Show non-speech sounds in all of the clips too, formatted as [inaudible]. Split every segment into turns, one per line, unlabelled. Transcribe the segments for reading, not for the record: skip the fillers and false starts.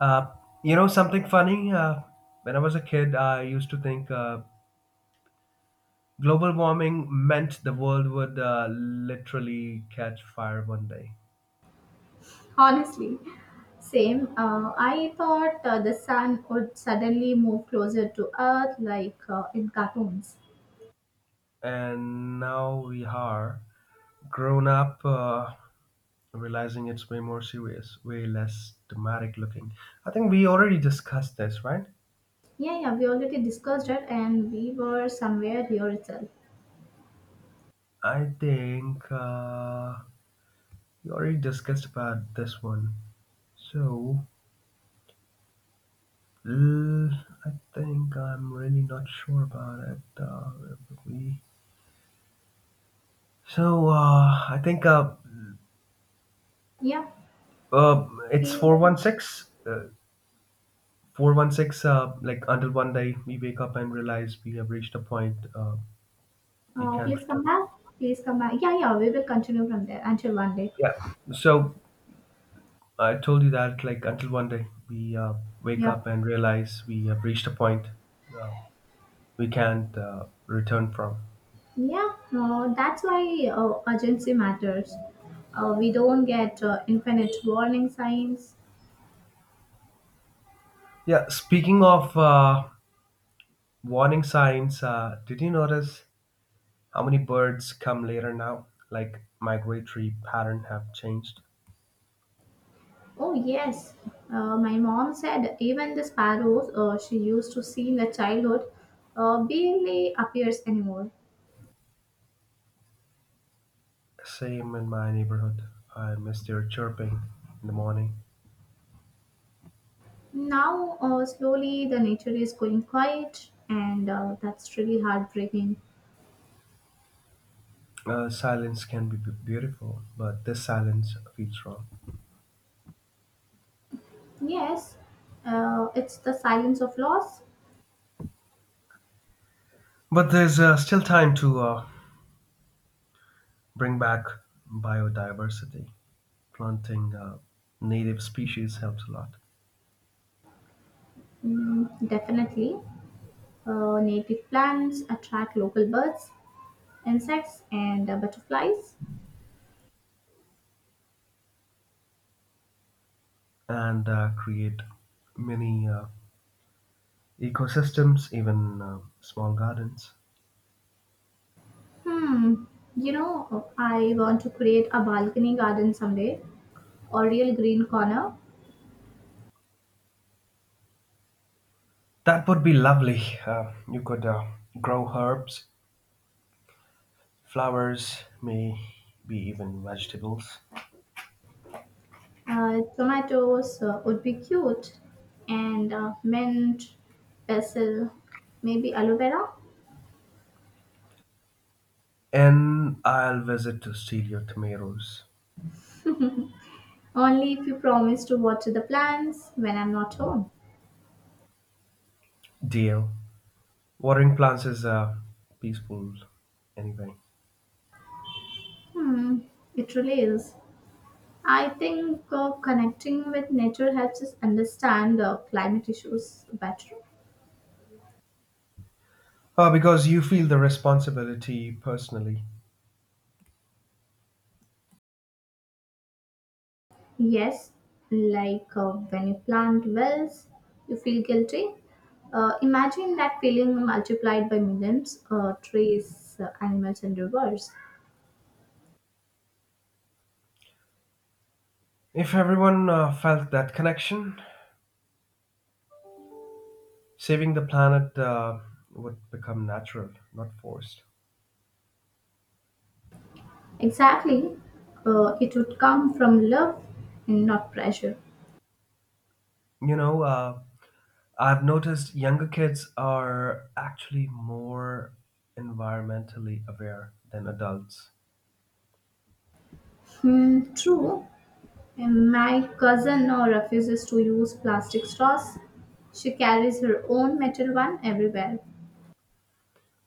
Uh, you know something funny? When I was a kid, I used to think global warming meant the world would literally catch fire one day.
Honestly, same. I thought the sun would suddenly move closer to Earth, like in cartoons.
And now we are grown up, realizing it's way more serious, way less dramatic looking. I think we already discussed this, right?
Yeah, yeah, we already discussed it, and we were somewhere here itself.
I think we already discussed about this one. So Mm, I think I'm really not sure about it. Where would we? So I think
Yeah,
it's
we
four one
will.
six. 416. Like until one day we wake up and realize we have reached a point we can't
Please come
return.
back. Please come back. Yeah, yeah, we will continue from there until one day.
Yeah. So I told you that like until one day we wake
Yeah,
up and realize we have reached a point uh, we can't return from.
yeah. That's why urgency matters. We don't get infinite warning signs.
Yeah. Speaking of warning signs, did you notice? How many birds come later now? Like migratory pattern have changed.
Oh, yes. My mom said even the sparrows she used to see in the childhood barely appears anymore.
Same in my neighborhood. I miss their chirping in the morning.
Now, slowly, the nature is going quiet, and that's really heartbreaking.
Silence can be beautiful, but this silence feels wrong.
Yes, it's the silence of loss.
But there's still time to bring back biodiversity. Planting native species helps a lot
Mm, definitely. Native plants attract local birds, insects, and butterflies.
and create many ecosystems, even small gardens.
Hmm, you know, I want to create a balcony garden someday, a real green corner.
That would be lovely. You could grow herbs flowers, may be even vegetables.
Tomatoes would be cute, and mint, basil, maybe aloe vera.
And I'll visit to steal your tomatoes,
Only if you promise to water the plants when I'm not home.
deal. Watering plants is peaceful anyway.
Hmm, it really is. I think connecting with nature helps us understand climate issues better.
Because you feel the responsibility personally.
Yes, like when you plant wells, you feel guilty. Imagine that feeling multiplied by millions, trees, animals, and rivers.
If everyone felt that connection, saving the planet would become natural, not forced.
Exactly, it would come from love and not pressure.
You know, I've noticed younger kids are actually more environmentally aware than adults.
Hmm, true, and my cousin now refuses to use plastic straws. She carries her own metal one everywhere.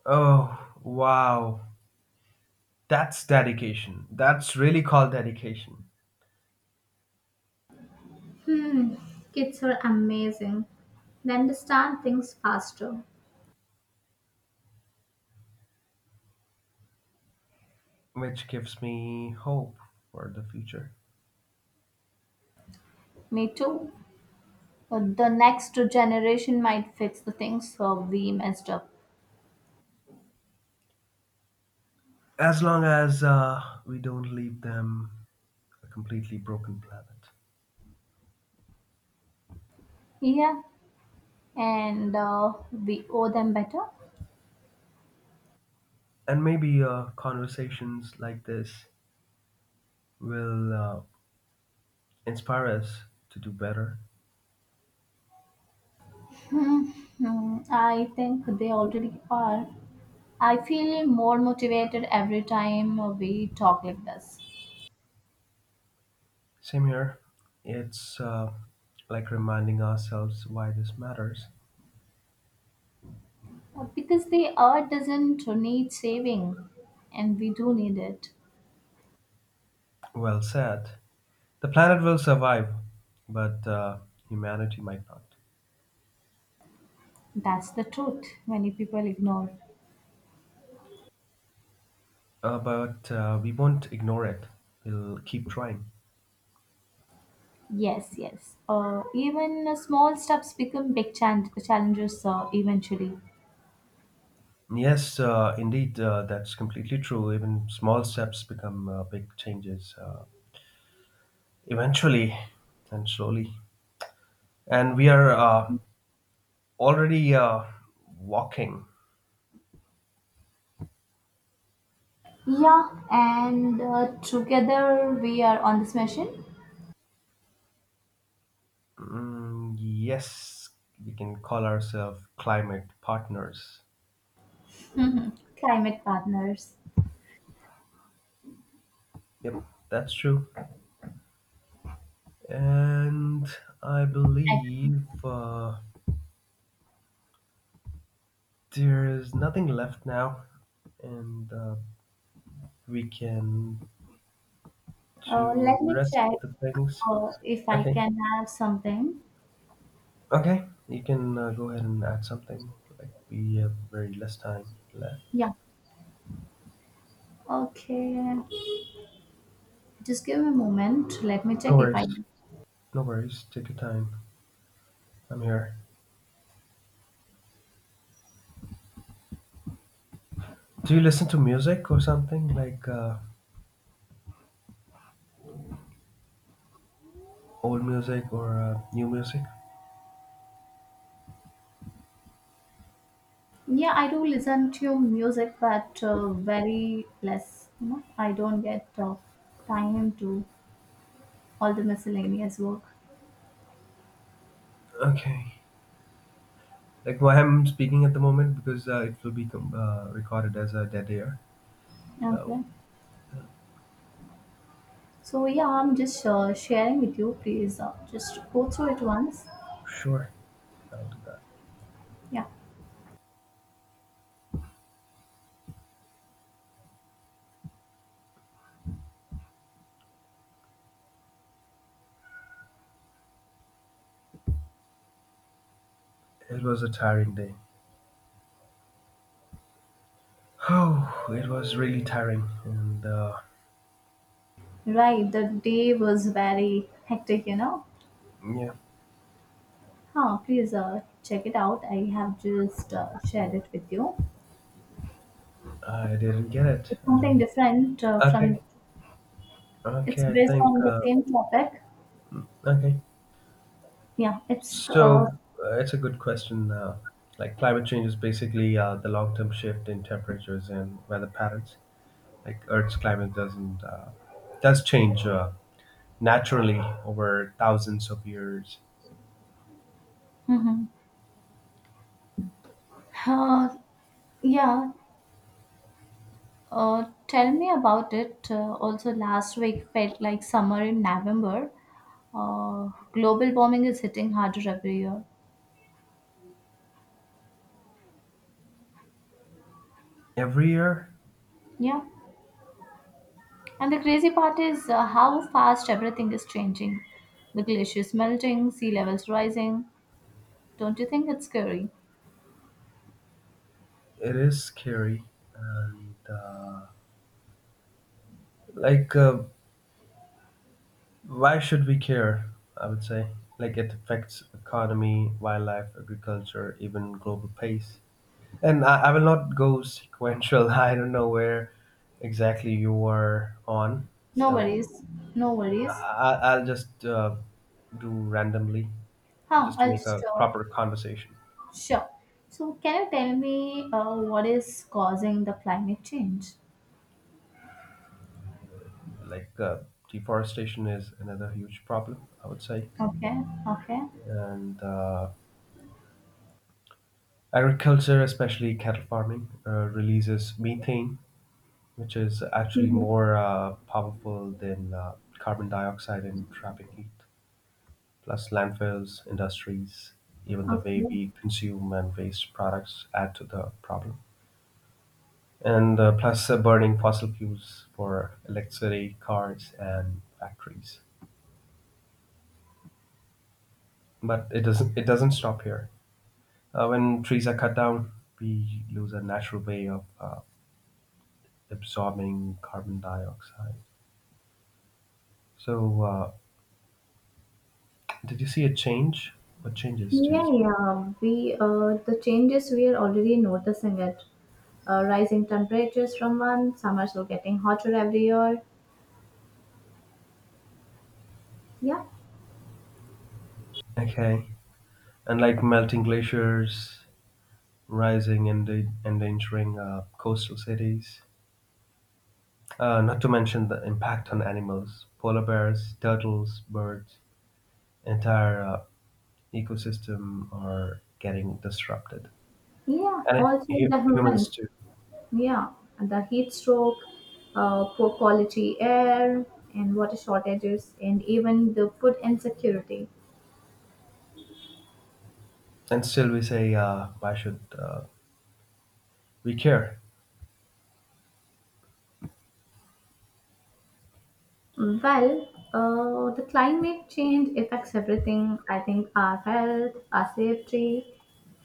Oh, wow. That's dedication. That's really called dedication,
Hmm, kids are amazing. They understand things faster.
which gives me hope for the future.
Me too. But the next generation might fix the things so we messed up.
As long as we don't leave them a completely broken planet.
Yeah, and we owe them better.
And maybe conversations like this will inspire us to do better.
Hmm, I think they already are. I feel more motivated every time we talk like this.
Same here. It's like reminding ourselves why this matters.
Because the earth doesn't need saving and we do need it.
Well said. The planet will survive, but humanity might not.
That's the truth many people ignore.
But we won't ignore it. We'll keep trying.
Yes, yes. Even small steps become big challenges eventually.
Yes, indeed, that's completely true. Even small steps become big changes eventually and slowly. And we are already walking.
Yeah, and together we are on this mission.
Yes, we can call ourselves climate partners.
Mhm. Climate partners.
Yep, that's true. And I
Agree.
believe there is nothing left now, and we can to
Let me
rest
check
the things.
if I
Okay,
can have something.
okay, you can go ahead and add something. Like we have very less time left.
Yeah, okay. Just give me a moment. Let me
No
check if I
worries,
can.
no worries. Take your time. I'm here. Do you listen to music or something like old music or new music?
Yeah, I do listen to music, but very less. You know, I don't get time to all the miscellaneous work.
Okay. Like why I'm speaking at the moment because it will be recorded as a dead air.
Okay.
So uh,
So yeah, I'm just sharing with you. Please just go through it once.
sure, I'll do that.
Yeah,
It was a tiring day. [sighs] Oh, it was really tiring, and
right. The day was very hectic, you know.
yeah.
Huh, please check it out. I have just shared it with you.
I didn't get it.
It's
I didn't
something
get
different
it.
from,
Okay.
it's
Okay. I
based
think,
on the same topic.
okay.
Yeah, it's, uh,
So it's a good question. Like climate change is basically the long term shift in temperatures and weather patterns. Like Earth's climate doesn't, does change naturally over thousands of years.
mhm. uh, yeah. Tell me about it. Also, last week felt like summer in November. Global warming is hitting harder every year.
Every year,
Yeah. And the crazy part is how fast everything is changing. The glaciers melting, sea levels rising. Don't you think it's scary?
it is scary. And like, uh, why should we care? I would say, like, it affects economy, wildlife, agriculture, even global pace. And I will not go sequential. [laughs] I don't know where exactly you are on,
No
so
worries, no worries.
I will just do randomly
Huh,
just to
I'll
make
just,
a
uh,
proper conversation.
sure. So, can you tell me what is causing the climate change?
Like, deforestation is another huge problem, I would say,
Okay, okay.
and agriculture, especially cattle farming, releases methane which is actually
Mhm.
more powerful than carbon dioxide in trapping heat. Plus, landfills, industries, even the
Okay.
way we consume and waste products add to the problem. And plus, burning fossil fuels for electricity, cars, and factories. But it doesn't. It doesn't stop here. When trees are cut down, we lose a natural way of absorbing carbon dioxide. So, did you see a change? What changes do you
Yeah,
see?
yeah. We, the changes we are already noticing it. Rising temperatures from one summers are getting hotter every year. Yeah.
Okay. And like melting glaciers, rising and endangering coastal cities. Not to mention the impact on animals, polar bears, turtles, birds, entire ecosystem are getting disrupted,
Yeah,
and
also the
humans
humans.
too.
Yeah, the heat stroke, poor quality air, and water shortages, and even the food insecurity.
And still, we say, why should we care?
Well, the climate change affects everything. I think our health, our safety,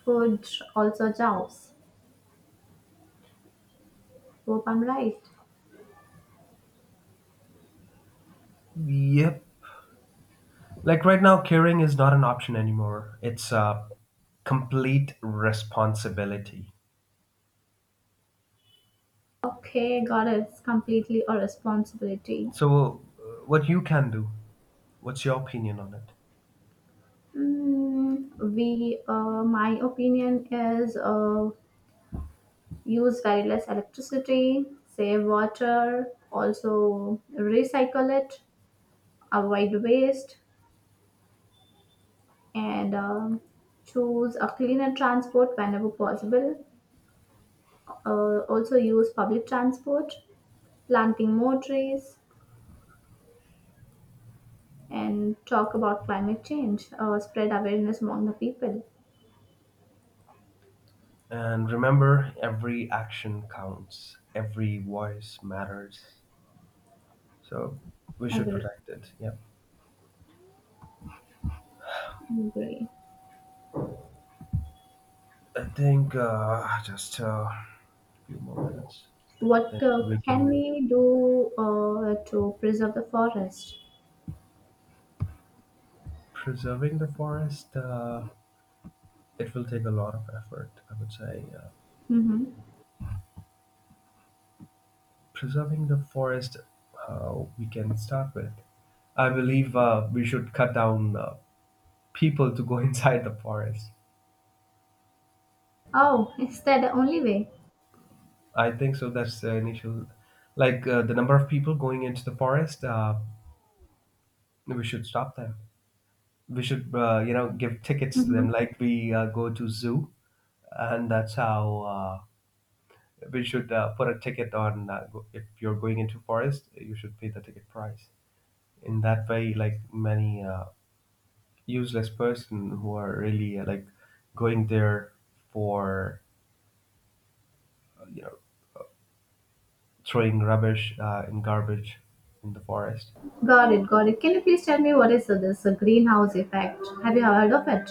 food, also jobs. Hope I'm right.
Yep. Like right now, caring is not an option anymore. It's a complete responsibility.
Okay, got it. It's completely a responsibility.
So, what you can do? What's your opinion on it?
Mm, my opinion is, use very less electricity, save water, also recycle it, avoid waste, and choose a cleaner transport whenever possible. Also, use public transport, planting more trees, and talk about climate change, spread awareness among the people.
And remember, every action counts, every voice matters. So we should
Agree.
protect it. Yeah.
Agree.
I think just a few more minutes. I think then
What
we
can
can
we do to preserve the forest?
preserving the forest. It will take a lot of effort, I would say.
Hmm.
Preserving the forest, we can start with. I believe we should cut down people to go [laughs] inside the forest.
Oh, [laughs] is that the only way?
I think so. That's the initial, like the number of people going into the forest. We should stop them. We should, you know, give tickets to them,
Mm-hmm.
like we go to zoo, and that's how we should put a ticket on. If you're going into forest, you should pay the ticket price. In that way, like many useless person who are really like going there for you know throwing rubbish in garbage in the forest.
Got it, got it. Can you please tell me what is this greenhouse effect? Have you heard of it?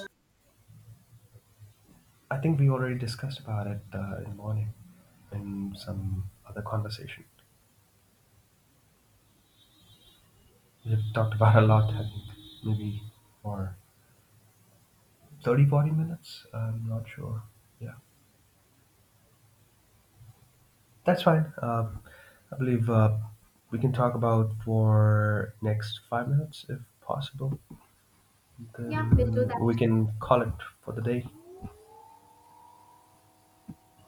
I think we already discussed about it in the morning in some other conversation. We've talked about a lot, I think, maybe for 30, 40 minutes. I'm not sure. Yeah, that's fine. I believe we can talk about for next 5 minutes if possible.
Yeah, we'll do
Then we
that.
can call it for the day.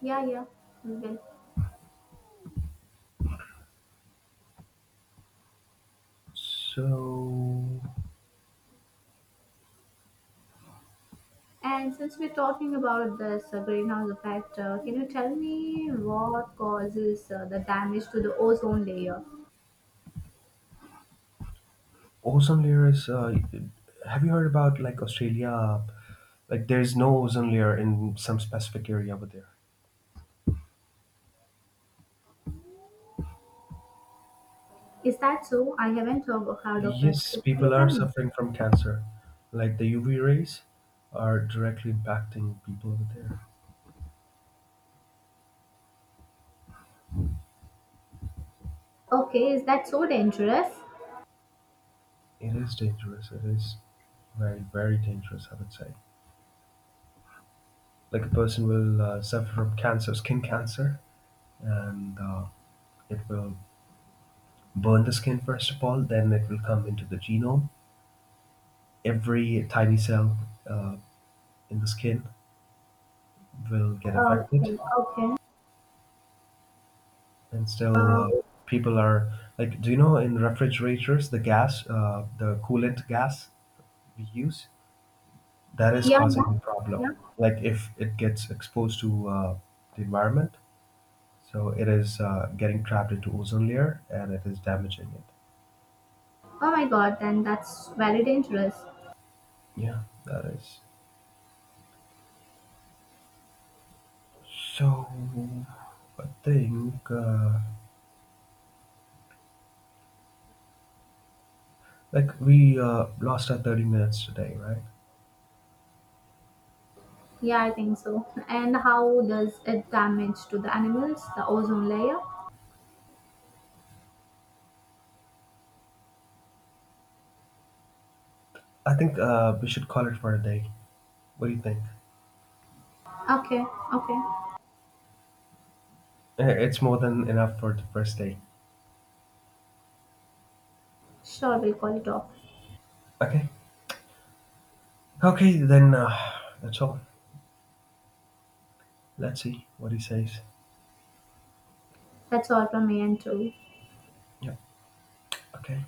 Yeah, yeah, we will.
So,
And since we're talking about this greenhouse effect, can you tell me what causes the damage to the ozone layer?
awesome lyrics. Have you heard about like Australia? Like there's no ozone layer in some specific area over there.
Is that so? I haven't heard of it.
Yes,
Could you
people
please
are
tell me?
suffering from cancer. Like the UV rays are directly impacting people over there.
Okay, is that so dangerous?
It is dangerous. It is very, very dangerous, I would say. Like a person will suffer from cancer, skin cancer, and it will burn the skin first of all, then it will come into the genome. Every tiny cell uh, in the skin will get affected,
Okay, okay.
and still
Uh,
people are like, do you know in refrigerators the gas, the coolant gas we use, that is
yeah,
causing
yeah,
the problem.
yeah.
Like if it gets exposed to the environment, so it is getting trapped into ozone layer and it is damaging it.
Oh my god, then that's very dangerous.
Yeah, that is. So I think like we lost our 30 minutes today, right?
Yeah, I think so. And how does it damage to the animals, the ozone layer?
I think we should call it for a day. What do you think?
Okay, okay.
Eh, it's more than enough for the first day.
Sure, we'll call it off.
Okay. Okay, then that's all. Let's see what he says.
That's all from me and too.
Yeah. Okay.